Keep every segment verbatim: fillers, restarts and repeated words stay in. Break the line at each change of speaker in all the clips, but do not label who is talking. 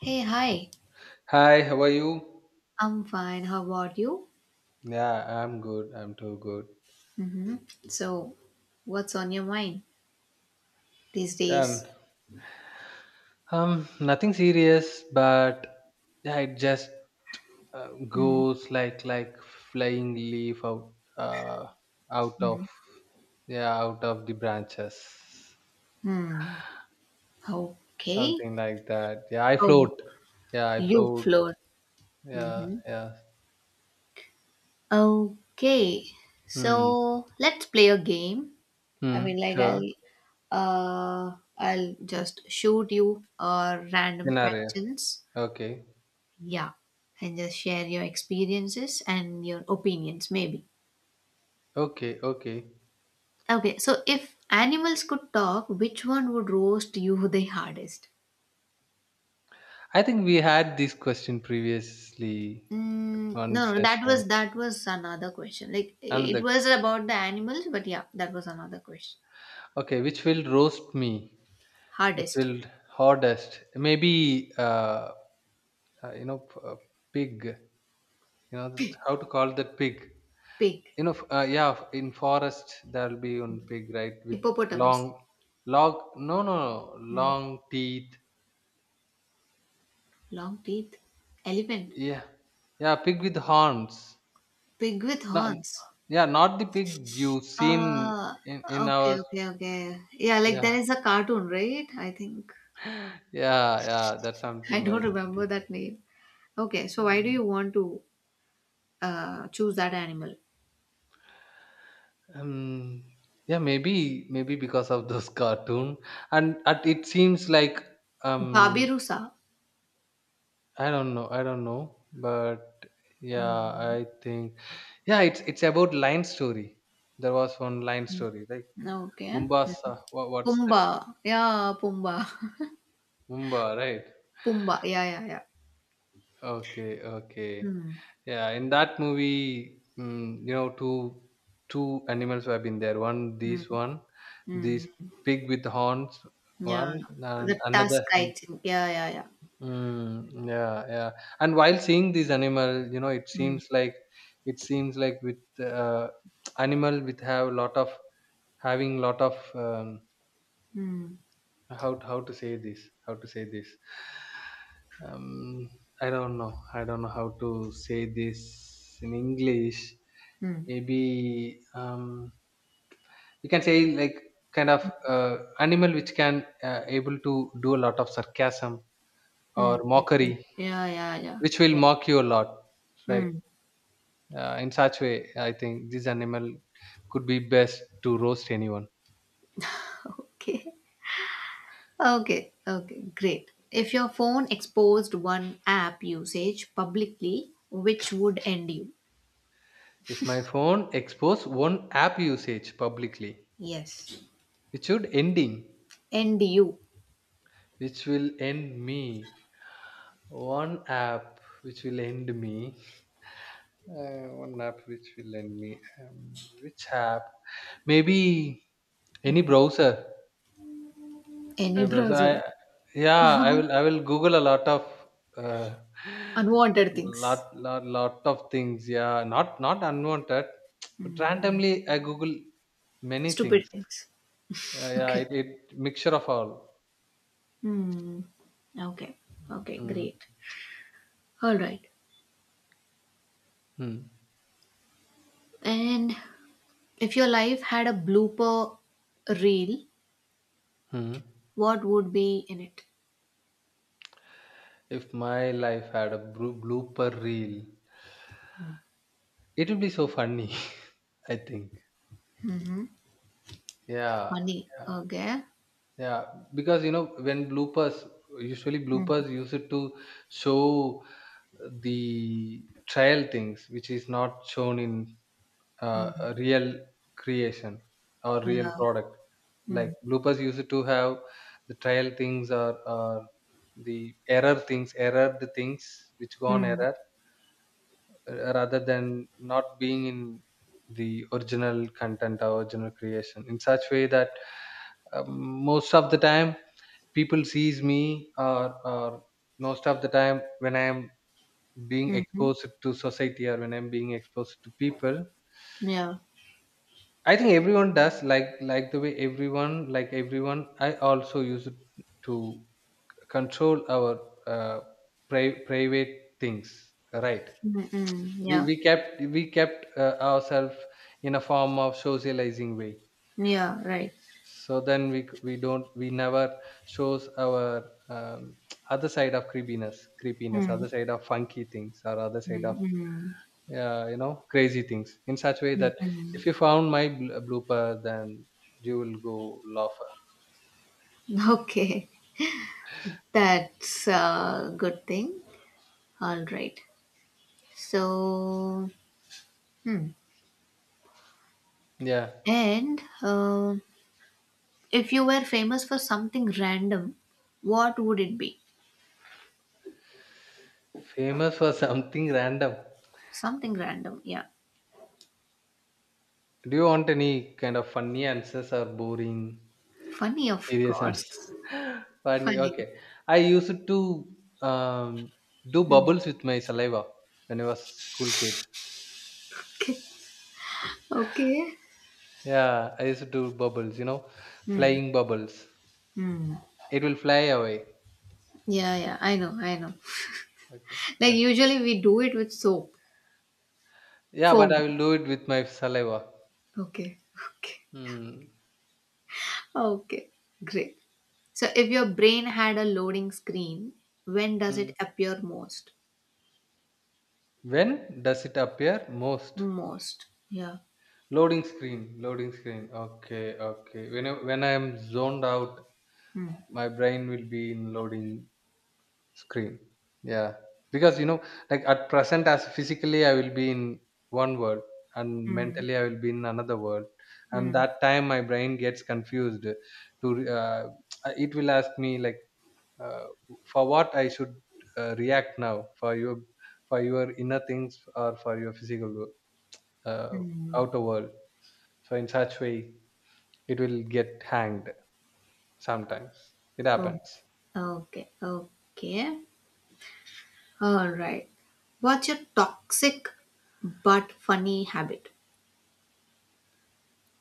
Hey, hi.
Hi, how are you?
I'm fine. How about you?
Yeah, I'm good. I'm too good.
hmm So, what's on your mind these
And
days?
um, Nothing serious, but yeah, it just uh,
Mm-hmm.
goes like like flying leaf out uh out of
Mm-hmm.
yeah out of the branches,
hmm Okay.
something like that. Yeah, I
Oh,
float. Yeah, I
you
float.
float.
Yeah,
hmm
yeah.
Okay.
Hmm.
So, let's play a game. I
Hmm.
mean, like I'll,
Sure.
uh, I'll just shoot you uh, random
Scenario.
questions.
Okay.
Yeah, and just share your experiences and your opinions, maybe.
Okay. Okay.
Okay, so if animals could talk, which one would roast you the hardest?
I think we had this question previously
Mm, no,
one
no, that
session.
was that was another question. Like it
Another.
was about the animals, but yeah, that was another question.
Okay, which will roast me? Which
Hardest,
will hardest? Maybe uh, uh, you know p- uh, pig. You know th- how to call that pig?
pig,
You know, f- uh, yeah. f- In forest there will be one pig, right? With
hippopotamus,
long log. No, no, no,
Mm,
long teeth.
long teeth, elephant,
Yeah, yeah. Pig with horns.
pig with
Not,
horns.
yeah, not the pig you've seen
Uh,
in in
okay,
our.
okay, okay. Yeah, like there
Yeah,
is a cartoon, right? I think
yeah, yeah. That's
I
something
don't remember that name. Okay, so why do you
like.
want to uh, choose that animal?
Um, yeah, maybe maybe because of those cartoon, and at, it seems like um,
Babirusa.
I don't know, I don't know, but yeah,
Mm.
I think yeah, it's it's about line story. There was one line story, right?
Okay.
Mombasa, what, what's that?
Pumbaa. Yeah, Pumbaa.
Mumba, right?
Pumbaa. Yeah, yeah, yeah.
Okay, okay.
Mm.
Yeah, in that movie, mm, you know, two two animals have been there. One,
Mm.
this one, this
Mm.
pig with horns,
Yeah.
one, and
The task
another.
I Yeah, yeah, yeah.
Mm, yeah, yeah. And while seeing these animal, you know, it
Mm.
seems like it seems like with uh, animal with have lot of having lot of um,
Mm.
how to- how to say this how to say this. Um, I don't know. I don't know how to say this in English.
Mm.
Maybe um, we can say like kind of uh, animal which can uh, able to do a lot of sarcasm or
Mm.
mockery,
Yeah, yeah, yeah.
which will
yeah.
mock you a lot, right?
Mm.
Uh, in such way, I think this animal could be best to roast anyone.
Okay. Okay. Okay. Great. If your phone exposed one app usage publicly, which would end you?
If my phone expose one app usage publicly,
Yes.
it should ending,
End you.
which will end me. One app which will end me. Uh, one app which will end me. Um, which app? Maybe any browser.
Any
Hey, bro, so
browser.
I yeah, I
Why?
will I will Google a lot of uh,
Unwanted
lot
things.
lot lot of things. Yeah, not not unwanted, but randomly I Google many
Stupid
things.
things.
Uh, yeah,
Okay.
it, it mixture of all.
Hmm. Okay. Okay.
Mm,
Great. All right.
mm,
And if your life had a blooper reel,
mm.
what would be in it?
If my life had a bru- blooper reel, it would be so funny. I think. Yeah,
Funny.
yeah.
Okay.
Yeah, because you know when bloopers usually
Mm,
bloopers use it to show the trial things which is not shown in uh, a
Hmm.
real creation or real
yeah.
product. Like
Mm,
bloopers use it to have the trial things or, or the error things, error the things which go on
mm,
error uh, rather than not being in the original content or original creation in such way that um, most of the time people sees me or, or most of the time when I am being
Hmm.
exposed to society or when I'm being exposed to people
yeah.
I think everyone does like like the way everyone like everyone I also use it to control our uh, pri- private things, right?
Mm, mm,
we,
yeah.
we kept we kept uh, ourselves in a form of socializing way.
Yeah. Right.
So then we we don't we never shows our um, other side of creepiness creepiness
Mm,
other side of funky things or other side
Hmm.
of
mm,
uh, you know crazy things in such way
Hmm.
that
Hmm.
if you found my bl- uh, blooper then you will go laugh.
Okay. That's a good thing. All right. So, hmm.
Yeah,
and um If you were famous for something random, what would it be?
famous for something random.
Something random, yeah.
Do you want any kind of funny answers or boring
Funny, of
serious answers?
course.
Funny,
Funny.
okay. I used to um, do bubbles with my saliva when I was school kid.
Okay. Okay.
Yeah, I used to do bubbles, you know,
Hmm.
flying bubbles.
Hmm.
It will fly away.
Yeah, yeah. I know, I know.
Okay.
Like
Yeah,
usually we do it with soap,
yeah, but I
foam.
will do it with my saliva.
Okay. Okay.
Hmm.
Okay. Great. So if your brain had a loading screen, when does
Hmm.
it appear most?
When does it appear most?
Most. Yeah.
Loading screen, loading screen. Okay, okay. When I, when I am zoned out,
Hmm.
my brain will be in loading screen. Yeah. Because you know, like at present as physically I will be in one world and
Hmm.
mentally I will be in another world. And
Hmm.
that time my brain gets confused to uh, it will ask me like uh, for what I should uh, react now for your for your inner things or for your physical wo- uh,
Hmm.
outer world. So in such way it will get hanged sometimes. It
Oh.
happens.
Okay. Okay. All right. What's your toxic but funny habit?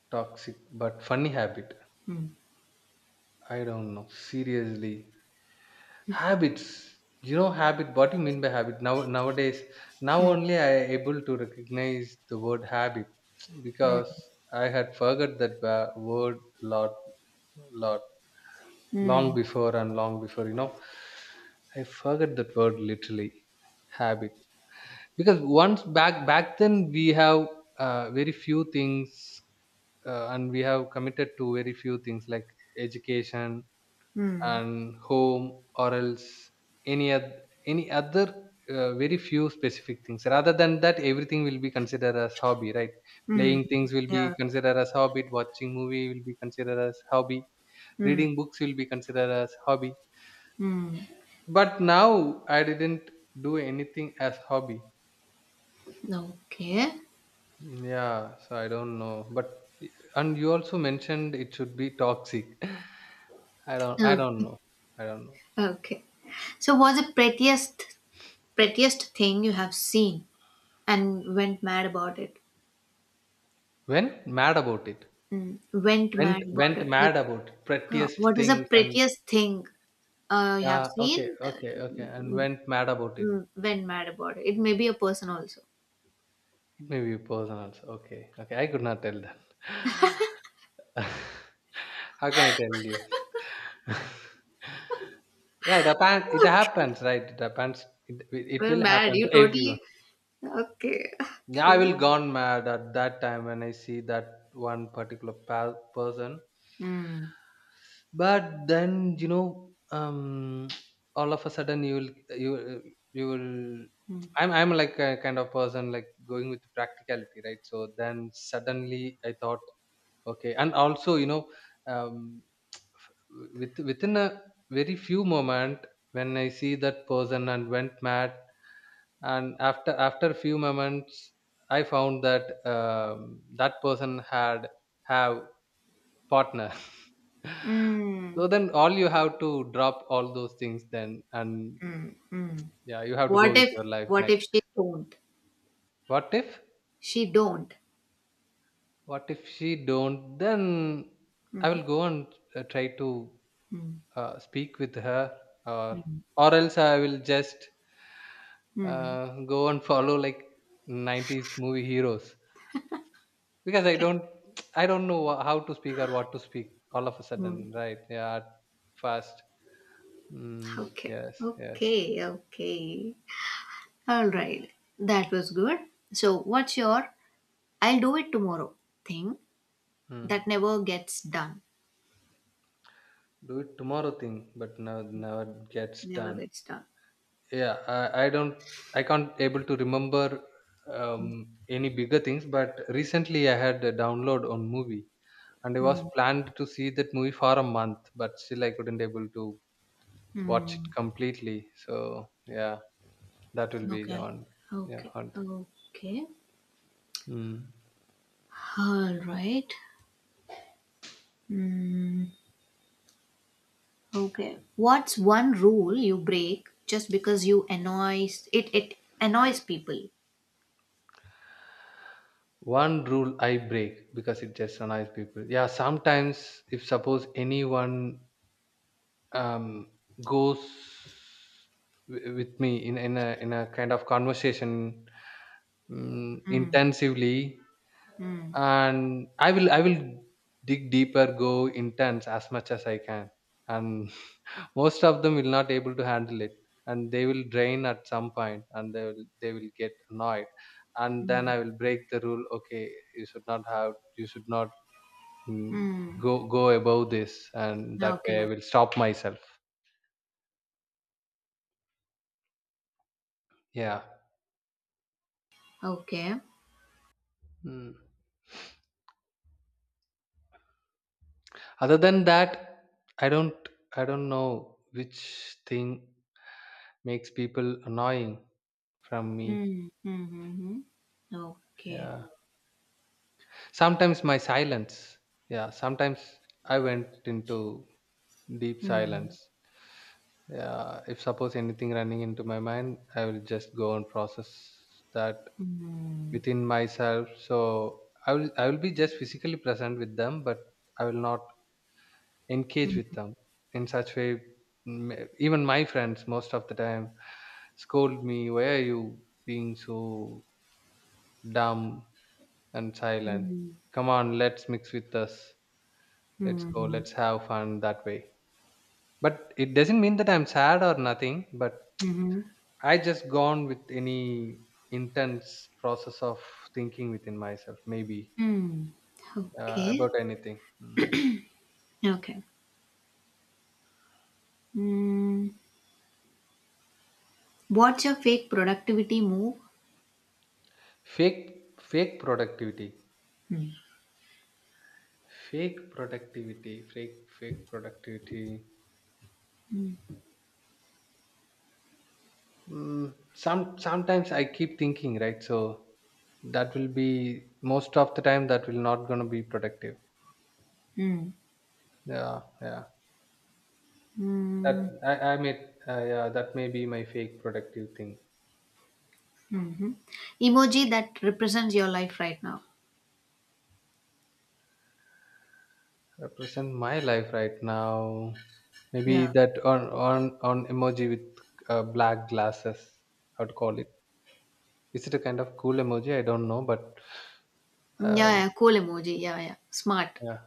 Toxic but funny habit.
Hmm.
I don't know. Seriously. Habits. You know, habit. What do you mean by habit? Now, nowadays, now
Hmm.
only I able to recognize the word habit
Hmm.
because I had forgot that wa- word lot, lot
Hmm.
long before and long before. You know, I forgot that word literally. Habit. Because once back back then we have uh, very few things uh, and we have committed to very few things like education
Hmm.
and home or else any other, any other uh, very few specific things rather than that everything will be considered as hobby, right?
Hmm.
Playing things will be
Yeah.
considered as hobby, watching movie will be considered as hobby,
Hmm.
reading books will be considered as hobby,
Hmm.
but now I didn't do anything as hobby.
Okay.
Yeah, so I don't know, but and you also mentioned it should be toxic. I don't, I
Oh.
don't know. I don't know
Okay. So, what's the prettiest, prettiest thing you have seen and went mad about it?
when mad about it.
Hmm. Went mad
Went
about
went
it. Like,
mad about
huh,
prettiest
what is the
things and
prettiest thing uh, you have
yeah, okay,
seen? Uh,
okay, okay, and went mad about it.
mm, went mad about it. It may be a person also.
It may be personal. So okay, okay, I could not tell that. How can I tell you? Yeah, it happens. It happens, right? It happens. It, it
We're
will
mad.
happen
You
to everyone.
totally Okay,
Yeah, I
okay.
will gone mad at that time when I see that one particular pa- person.
Mm,
But then you know, um, all of a sudden you will you will- you will.
mm,
I'm I'm like a kind of person like going with practicality, right? So then suddenly I thought, okay, and also you know, um, f- with within a very few moment when I see that person and went mad, and after after a few moments, I found that um, that person had have partner.
mm,
So then all you have to drop all those things then and
mm, mm.
yeah you have to go
What
with
if
your life
what if
next.
she don't?
What if
She don't.
what if she don't then I
Mm,
will go and uh, try to
mm,
uh, speak with her or
mm,
or else I will just
mm,
uh, go and follow like nineties movie heroes because I
Okay.
don't I don't know wha- how to speak or what to speak all of a sudden,
mm.
right? Yeah, fast. Mm,
Okay.
yes, yes.
Okay. Okay. All right. That was good. So what's your I'll do it tomorrow thing
Mm.
that never gets done?
Do it tomorrow thing but never never gets
Never
done.
gets done.
Yeah i, I don't I can't able to remember um, any bigger things, but recently I had a download on movie and I was
Mm,
planned to see that movie for a month but still I couldn't able to watch
mm.
it completely, so yeah that will be the
Okay.
one. Yeah,
Okay.
one thing.
Okay.
Mm.
All right. Okay. What's one rule you break just because you annoys it it annoys people?
One rule I break because it just annoys people. Yeah, sometimes if suppose anyone um, goes wi- with me in, in a in a kind of conversation mm
Mm,
intensively,
mm,
and i will I will dig deeper, go intense as much as I can and most of them will not able to handle it and they will drain at some point and they will they will get annoyed and then I
mm,
will break the rule. Okay, you should not have you should not mm,
mm.
go go above this and that way I
Okay.
will stop myself. Yeah.
Okay.
Mm. Other than that, I don't I don't know which thing makes people annoying from me.
Mm, mm, mm, mm. Okay.
Yeah. Sometimes my silence. Yeah, sometimes I went into deep
Mm,
silence. Yeah, if suppose anything running into my mind, I will just go and process that
mm,
within myself. So I will I will be just physically present with them, but I will not engage with
mm,
them in such way m- even my friends most of the time scold me why are you being so dumb and silent,
mm,
come on let's mix with us, let's go
mm,
let's have fun that way, but it doesn't mean that I'm sad or nothing but
mm,
I just gone with any intense process of thinking within myself maybe
mm.
uh,
Okay.
about anything. Mm.
Okay. Mm. What's your fake productivity move?
fake fake productivity,
Mm,
fake productivity fake fake productivity mm, some sometimes I keep thinking, right? So that will be most of the time that will not gonna be productive.
mm,
Yeah, yeah, that
mm,
i, I may uh, yeah that may be my fake productive thing.
Hmm. Emoji that represents your life right now.
Represent my life right now,
Yeah.
maybe that on on on emoji with uh, black glasses, how to call it, is it a kind of cool emoji, I don't know, but
Yeah,
um,
yeah, cool emoji. Yeah, yeah, smart.
yeah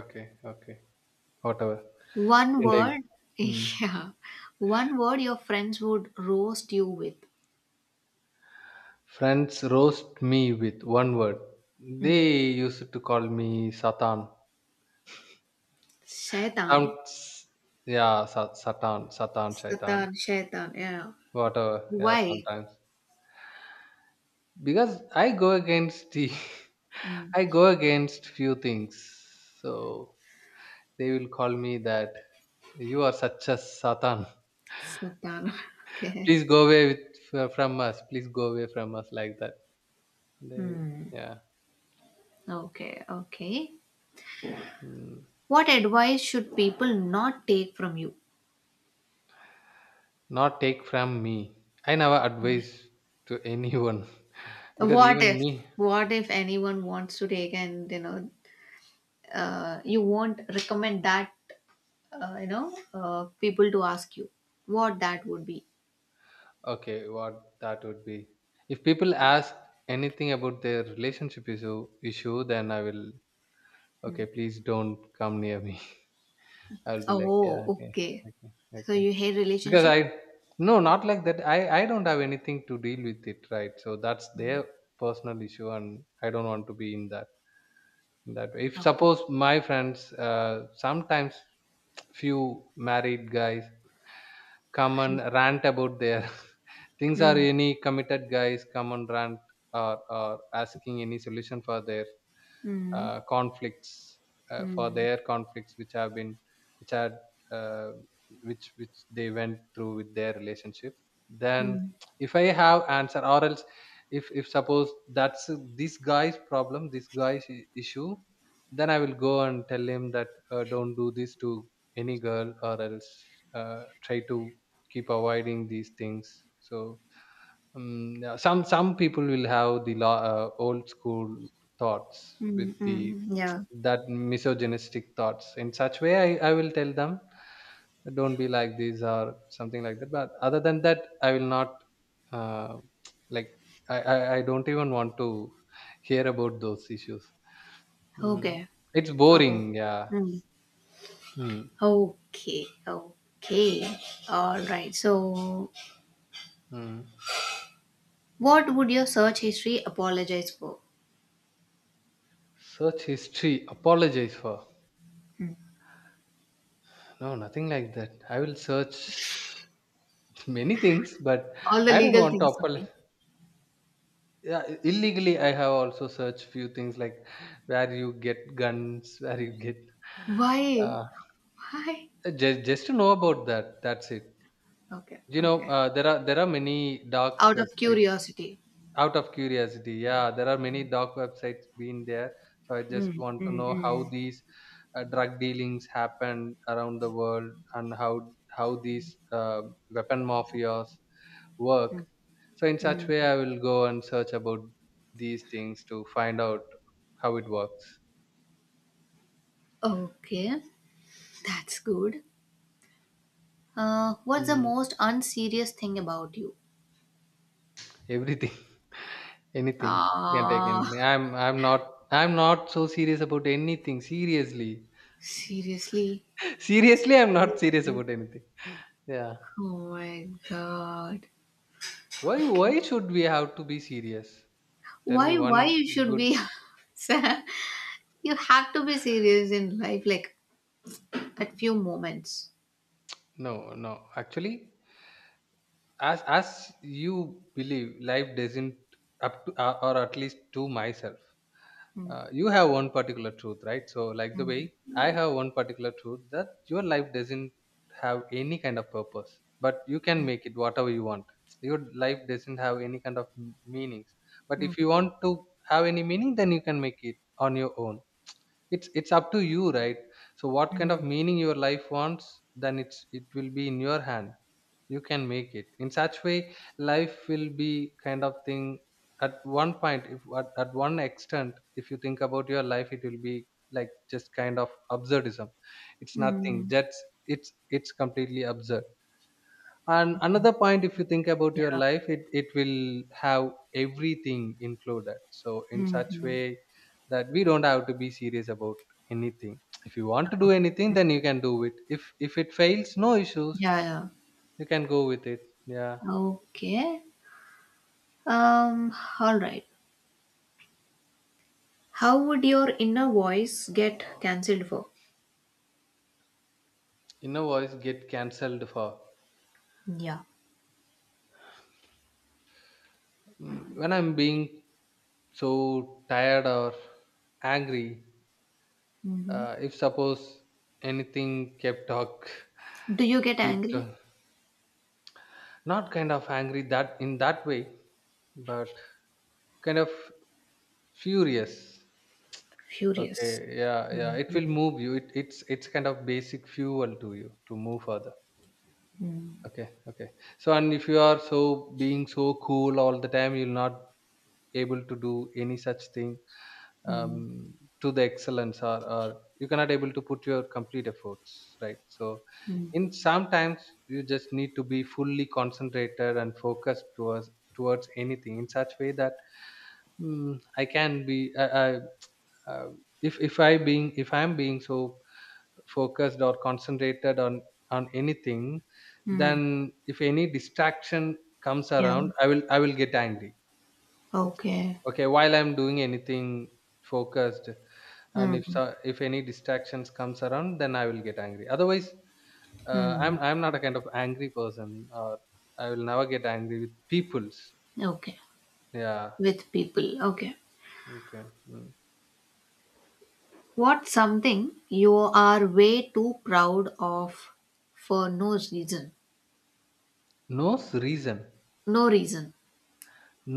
okay okay whatever.
One
Indeed.
word,
Hmm.
yeah, one word your friends would roast you with.
Friends roast me with one word.
Mm.
They used to call me Satan.
Shaitan,
Sounds, yeah, Sa- Satan, Satan, Shaitan,
Satan, Shaitan. Yeah,
whatever. Yeah,
why?
sometimes because I go against the,
Mm.
I go against few things. So they will call me that you are such a Satan.
Satan. Okay.
Please go away with from us. Please go away from us like that. They,
Hmm.
yeah.
Okay. Okay.
Hmm.
What advice should people not take from you?
Not take from me. I never advise to anyone, because
What
even
if?
me,
What if anyone wants to take and you know, uh, you won't recommend that uh, you know uh, people to ask you what that would be
okay, what that would be. If people ask anything about their relationship issue, issue then I will, okay, please don't come near me. I'll be like,
oh
yeah, okay,
okay
okay,
so
okay.
you hate
Because
relationship
I, no, not like that. I, I don't have anything to deal with it, right? So that's their personal issue and I don't want to be in that. In that way. If
okay
suppose my friends, uh, sometimes few married guys come and rant about their things, or
mm.
any committed guys come and rant, or, or asking any solution for their
Mm.
uh, conflicts, uh, for
Mm.
their conflicts which have been, which had, uh, which which they went through with their relationship. Then
Mm.
if I have answer, or else if if suppose that's this guy's problem, this guy's i- issue, then I will go and tell him that, uh, don't do this to any girl, or else uh, try to keep avoiding these things. So um, yeah, some some people will have the law, uh, old school thoughts with
Mm.
the,
Mm. yeah
that misogynistic thoughts. In such way, I, I will tell them don't be like these or something like that. But other than that, I will not, uh, like, I, I i don't even want to hear about those issues.
okay
Mm. It's
oh
boring, yeah.
mm.
Mm.
okay okay all right so
Mm.
what would your search history apologize for
Search history apologize for.
Hmm.
No, nothing like that. I will search many things, but
all the
I don't
legal
want to
things sorry
apologize. Yeah, I- illegally I have also searched few things, like where you get guns, where you get,
why
uh,
why
just just to know about that, that's it.
okay
You know,
okay
uh, there are, there are many dark
out of
websites.
curiosity
Out of curiosity, yeah, there are many dark websites being there. So I just
mm,
want to
mm,
know how
mm,
these, uh, drug dealings happen around the world, and how how these, uh, weapon mafias work.
mm.
So in such
Mm.
way, I will go and search about these things to find out how it works.
Okay, that's good. Uh, what's the
Mm,
most unserious thing about you?
everything, anything. You can take
Ah,
anything. I'm i'm not, I'm not so serious about anything, seriously.
seriously?
seriously, I'm not serious
Seriously?
about anything. Yeah,
Oh my god.
why
Okay.
why should we have to be serious? Tell me
Why?
one
Why you should
good.
be? Sir, you have to be serious in life, like at few moments.
No, no, actually, as as you believe, life doesn't, up to, uh, or at least to myself,
Mm,
uh, you have one particular truth, right? So like the way I have one particular truth, that your life doesn't have any kind of purpose, but you can make it whatever you want. Your life doesn't have any kind of m- meanings, but
mm,
if you want to have any meaning, then you can make it on your own. It's it's up to you, right? So what kind of
mm,
meaning your life wants, then it's, it will be in your hand. You can make it in such way. Life will be kind of thing. At one point, if at, at one extent, if you think about your life, it will be like just kind of absurdism. It's nothing,
mm.
that's, it's it's completely absurd. And another point, if you think about your
Yeah.
life, it, it will have everything included. So in such
Mhm.
way, that we don't have to be serious about anything. If you want to do
Okay.
anything, then you can do it. if if it fails, no issues,
Yeah, yeah.
you can go with it. Yeah.
Okay. Um. All right. How would your inner voice get cancelled for?
Inner voice get cancelled for.
Yeah.
Mm, when I'm being so tired or angry,
hmm
uh, if suppose anything kept talk,
Do you get
keep.
angry?
Not kind of angry that in that way, but kind of furious.
Furious.
Okay, yeah, yeah. It will move you. It, it's it's kind of basic fuel to you to move further.
Mm,
Okay, okay. So, and if you are so being so cool all the time, you'll not able to do any such thing,
mm,
um, to the excellence, or, or you cannot able to put your complete efforts, right? So
mm,
in sometimes you just need to be fully concentrated and focused towards towards anything, in such way that, mm, I can be, I, I, uh, if if i being if I'm being so focused or concentrated on on anything,
mm.
then if any distraction comes
Yeah.
around, i will i will get angry.
Okay.
Okay, while I'm doing anything focused, and if
Mm,
so, if any distractions comes around, then I will get angry. Otherwise, uh, i'm
mm.
i'm not a kind of angry person, or I will never get angry with people's.
Okay.
Yeah,
With people. Okay.
okay. Mm.
What's something you are way too proud of for no reason?
No s- reason.
No reason.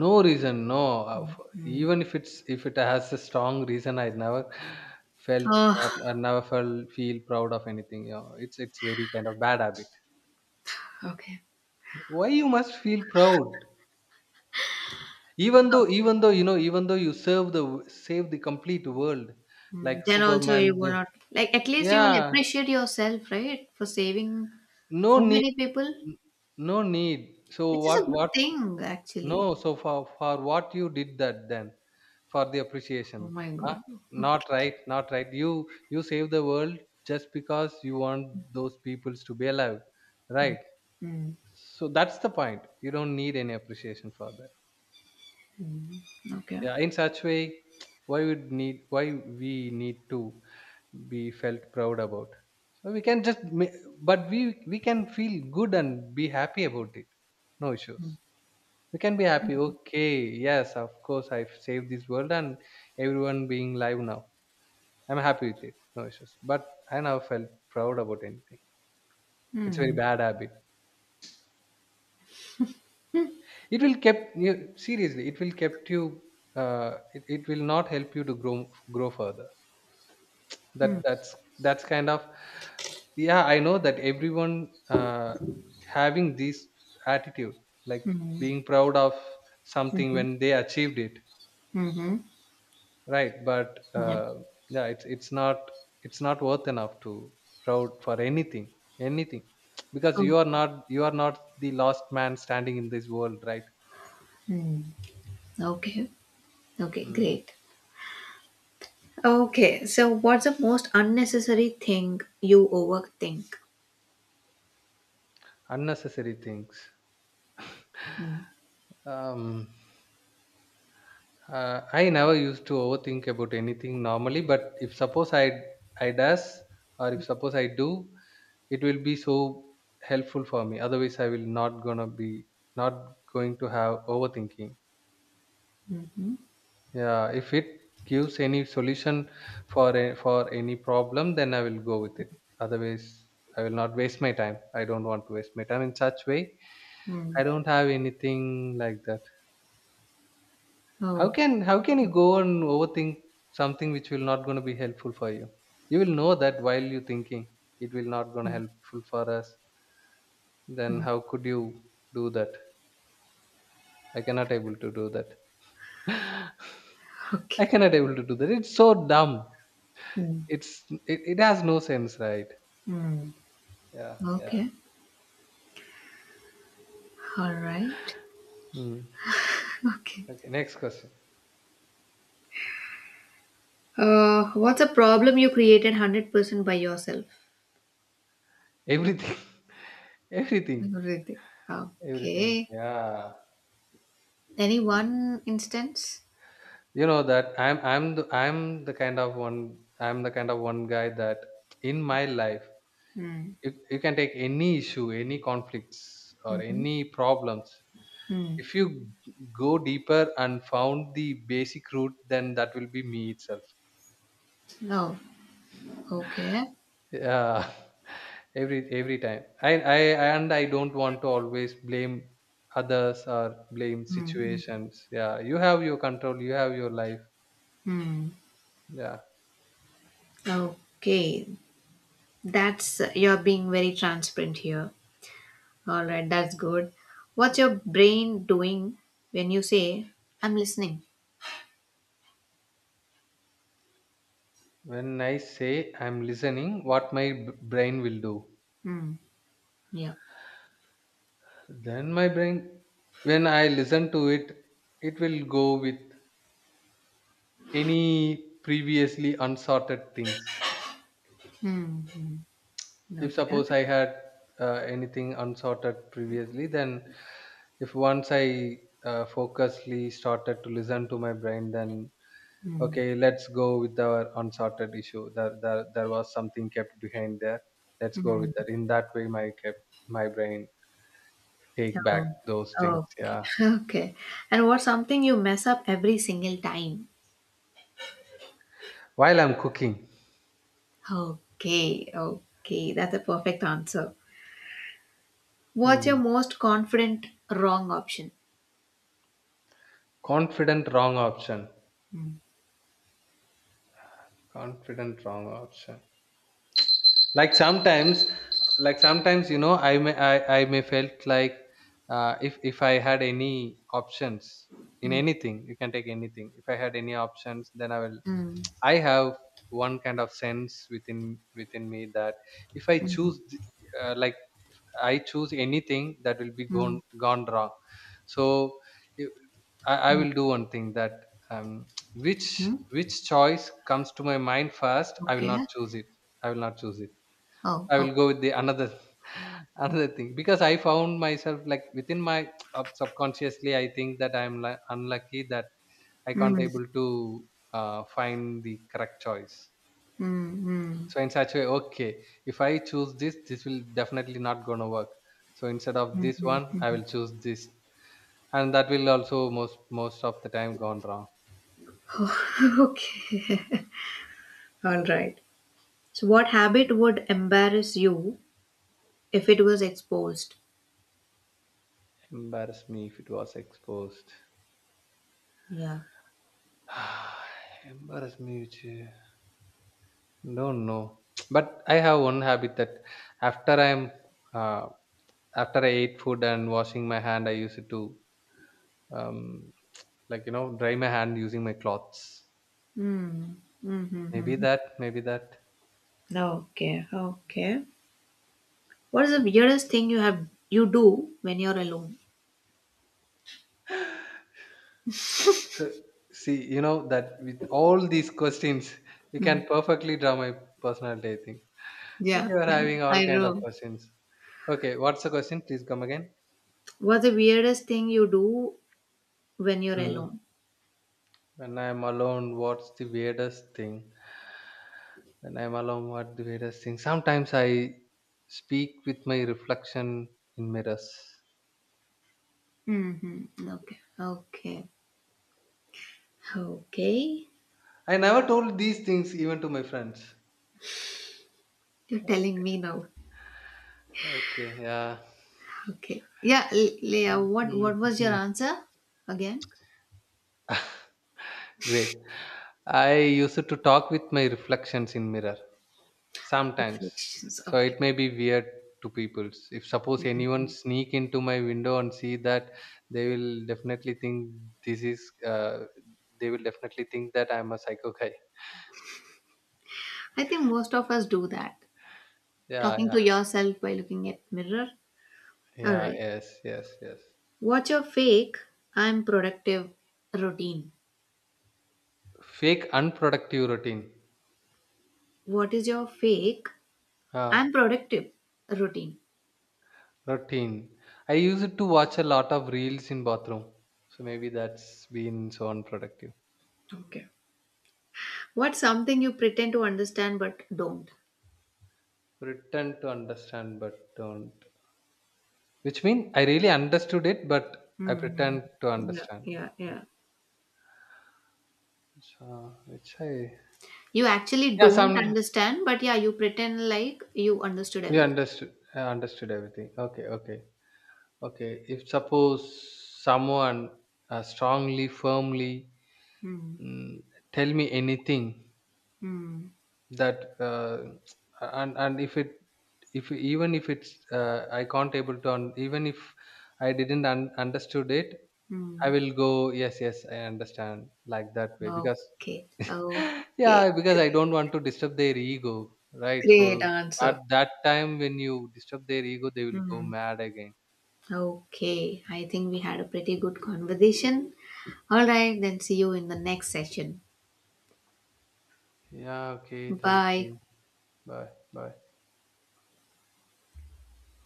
No reason, no. Uh, f- even if it's, if it has a strong reason, I never felt, or
Oh,
I never felt feel proud of anything. You know, it's it's very kind of bad habit.
okay.
Why you must feel proud? Even
Oh.
though, even though you know, even though you serve the w- save the complete world,
Mm,
like
Then also you
Superman
will
do.
not like at least you will
Yeah,
appreciate yourself, right? For saving
no
so
need,
many people,
no need. So
which is a
what,
good
what?
thing
No,
actually.
so for for what you did that, then for the appreciation?
Oh my
Huh?
god.
Not right, not right. you you save the world just because you want those peoples to be alive, right?
Mm,
So that's the point, you don't need any appreciation for that.
mm, Okay.
Yeah, in such way. Why would need, why we need to be felt proud about? So we can just ma- but we we can feel good and be happy about it, no issues.
Mm,
We can be happy, okay. Yes, of course, I've saved this world and everyone being live now, I'm happy with it, no issues. But I never felt proud about anything. It's a very
mm,
bad habit. It will kept you, seriously, it will kept you, uh, it, it will not help you to grow, grow further. That,
mm,
that's that's kind of, yeah, I know that everyone, uh, having this attitude, like
mm,
being proud of something
mhm,
when they achieved it,
mhm,
right? But,
Yeah.
uh, yeah, it's it's not, it's not worth enough to proud for anything, anything. Because you
Okay.
are not, you are not the last man standing in this world, right?
Mm, Okay. Okay.
Mm.
Great. Okay. So, what's the most unnecessary thing you overthink?
Unnecessary things,
Mm,
um, uh, I never used to overthink about anything normally. But if suppose I I does, or if suppose I do, it will be so helpful for me. Otherwise, I will not gonna be, not going to have overthinking.
mhm,
Yeah, if it gives any solution for a, for any problem, then I will go with it. Otherwise, I will not waste my time. I don't want to waste my time in such way.
mm.
I don't have anything like that. How
Oh.
can how can you go and overthink something which will not going to be helpful for you? You will know that while you're thinking, it will not going to
mm,
helpful for us. Then
mm,
how could you do that? I cannot able to do that. I
Okay.
cannot able to do that. It's so dumb.
Mm,
It's, it, it has no sense, right?
mm,
Yeah,
Okay.
yeah.
All right.
Mm.
Okay.
Okay, next question.
Uh, what's a problem you created one hundred percent by yourself?
Everything, everything,
Everything.
everything.
Okay.
Yeah.
Any one instance?
You know that, i'm i'm the, i'm the kind of one, I'm the kind of one guy, that in my life,
Mm,
you, you can take any issue, any conflicts, or
mhm,
any problems.
mm.
If you go deeper and found the basic root, then that will be me itself.
Oh, okay.
Yeah, every every time i i, and I don't want to always blame others or blame
Mm, mm,
situations. Yeah, you have your control, you have your life.
mm.
Yeah.
Okay. That's you're being very transparent here. All right, that's good. What's your brain doing when you say, I'm listening?
When I say I'm listening, what my b- brain will do?
Mm, yeah.
Then my brain, when I listen to it, it will go with any previously unsorted things.
Mm, mm.
If
Okay.
suppose I had, uh, anything unsorted previously, then if once I, uh, focusedly started to listen to my brain, then
Mm,
okay, let's go with our unsorted issue. There, there, there was something kept behind there. Let's go
mm.
with that. In that way, my kept, my brain, take back
Oh,
those things.
okay.
Yeah.
Okay. And what's something you mess up every single time?
While I'm cooking.
Okay. Okay. That's a perfect answer. What's your
Hmm.
most confident wrong option?
Confident wrong option.
Mm,
Confident wrong option. Like sometimes, like sometimes, you know, I may, I, I may felt like, uh, if if I had any options in
mm,
anything, you can take anything. If I had any options, then I will,
mm,
I have one kind of sense within within me that if I
mm,
choose th- uh, like, I choose anything, that will be
mm,
gone gone wrong. So I, I
mm,
will do one thing, that, um, which
mm.
which choice comes to my mind first, I will
Okay.
not choose it. I will not choose it.
Oh,
I
okay.
will go with the another, another thing, because I found myself like within my up- subconsciously I think that I'm li- unlucky, that I can't
Mm,
able to, uh, find the correct choice.
mm, mm.
So in such way, okay, if I choose this, this will definitely not gonna work. So instead of this one, I will choose this, and that will also most most of the time gone wrong.
Okay. All right. So, what habit would embarrass you if it was exposed?
Embarrass me if it was exposed.
Yeah.
Embarrass me, which, uh, don't know. But I have one habit that, after I'm, uh, after I ate food and washing my hand, I use it to, um, like, you know, dry my hand using my cloths.
Mm, mm, mm,
Maybe
mm.
that, maybe that.
Okay, okay. What is the weirdest thing you have you do when you're alone?
So, see, you know that with all these questions, you
Mm.
can perfectly draw my personality. I think that
Yeah,
you are
yeah,
having
I
all kind of
know.
questions. Okay, what's the question? Please come again.
What's the weirdest thing you do when you're alone?
When I'm alone, what's the weirdest thing? When I'm alone, what's the weirdest thing? Sometimes I speak with my reflection in mirrors.
Mm-hmm. Okay. Okay. Okay.
I never told these things even to my friends.
You're telling me now.
Okay, yeah.
Okay. Yeah, L- Leah, what
Mhm.
what was your answer again?
Great. I used to talk with my reflections in mirror sometimes.
Reflections.
So
Okay.
it may be weird to people. If suppose anyone sneak into my window and see that, they will definitely think this is. Uh, they will definitely think that I'm a psycho guy.
I think most of us do that.
Yeah,
Talking
yeah,
to yourself by looking at mirror. All
yeah,
right.
yes, yes, yes.
What's your fake? I'm productive routine.
Fake unproductive routine.
What is your fake?
Ah,
I'm productive routine.
routine. I use it to watch a lot of reels in bathroom. So maybe that's been so unproductive.
Okay. What's something you pretend to understand but don't?
Pretend to understand but don't. Which mean I really understood it, but I
hmm
pretend to
Yeah,
understand.
yeah, yeah.
So which I,
You actually
yeah,
don't
some,
understand, but yeah, you pretend like you understood
you
everything.
understood, I understood everything. Okay, okay, okay. If suppose someone, uh, strongly, firmly,
Hmm.
mm, tell me anything
Hmm.
that, uh, and and if it, if even if it's, uh, I can't able to un- even if I didn't un- understood it, I
Hmm.
will go yes, yes, I understand, like that way. Because,
Okay. Okay.
yeah, because I
Great,
don't want to disturb their ego, right?
great
So
answer.
at that time when you disturb their ego they will go
Hmm.
mad again.
Okay. I think we had a pretty good conversation. All right. Then see you in the next session.
Yeah, okay, thank
Bye.
you. Bye. Bye.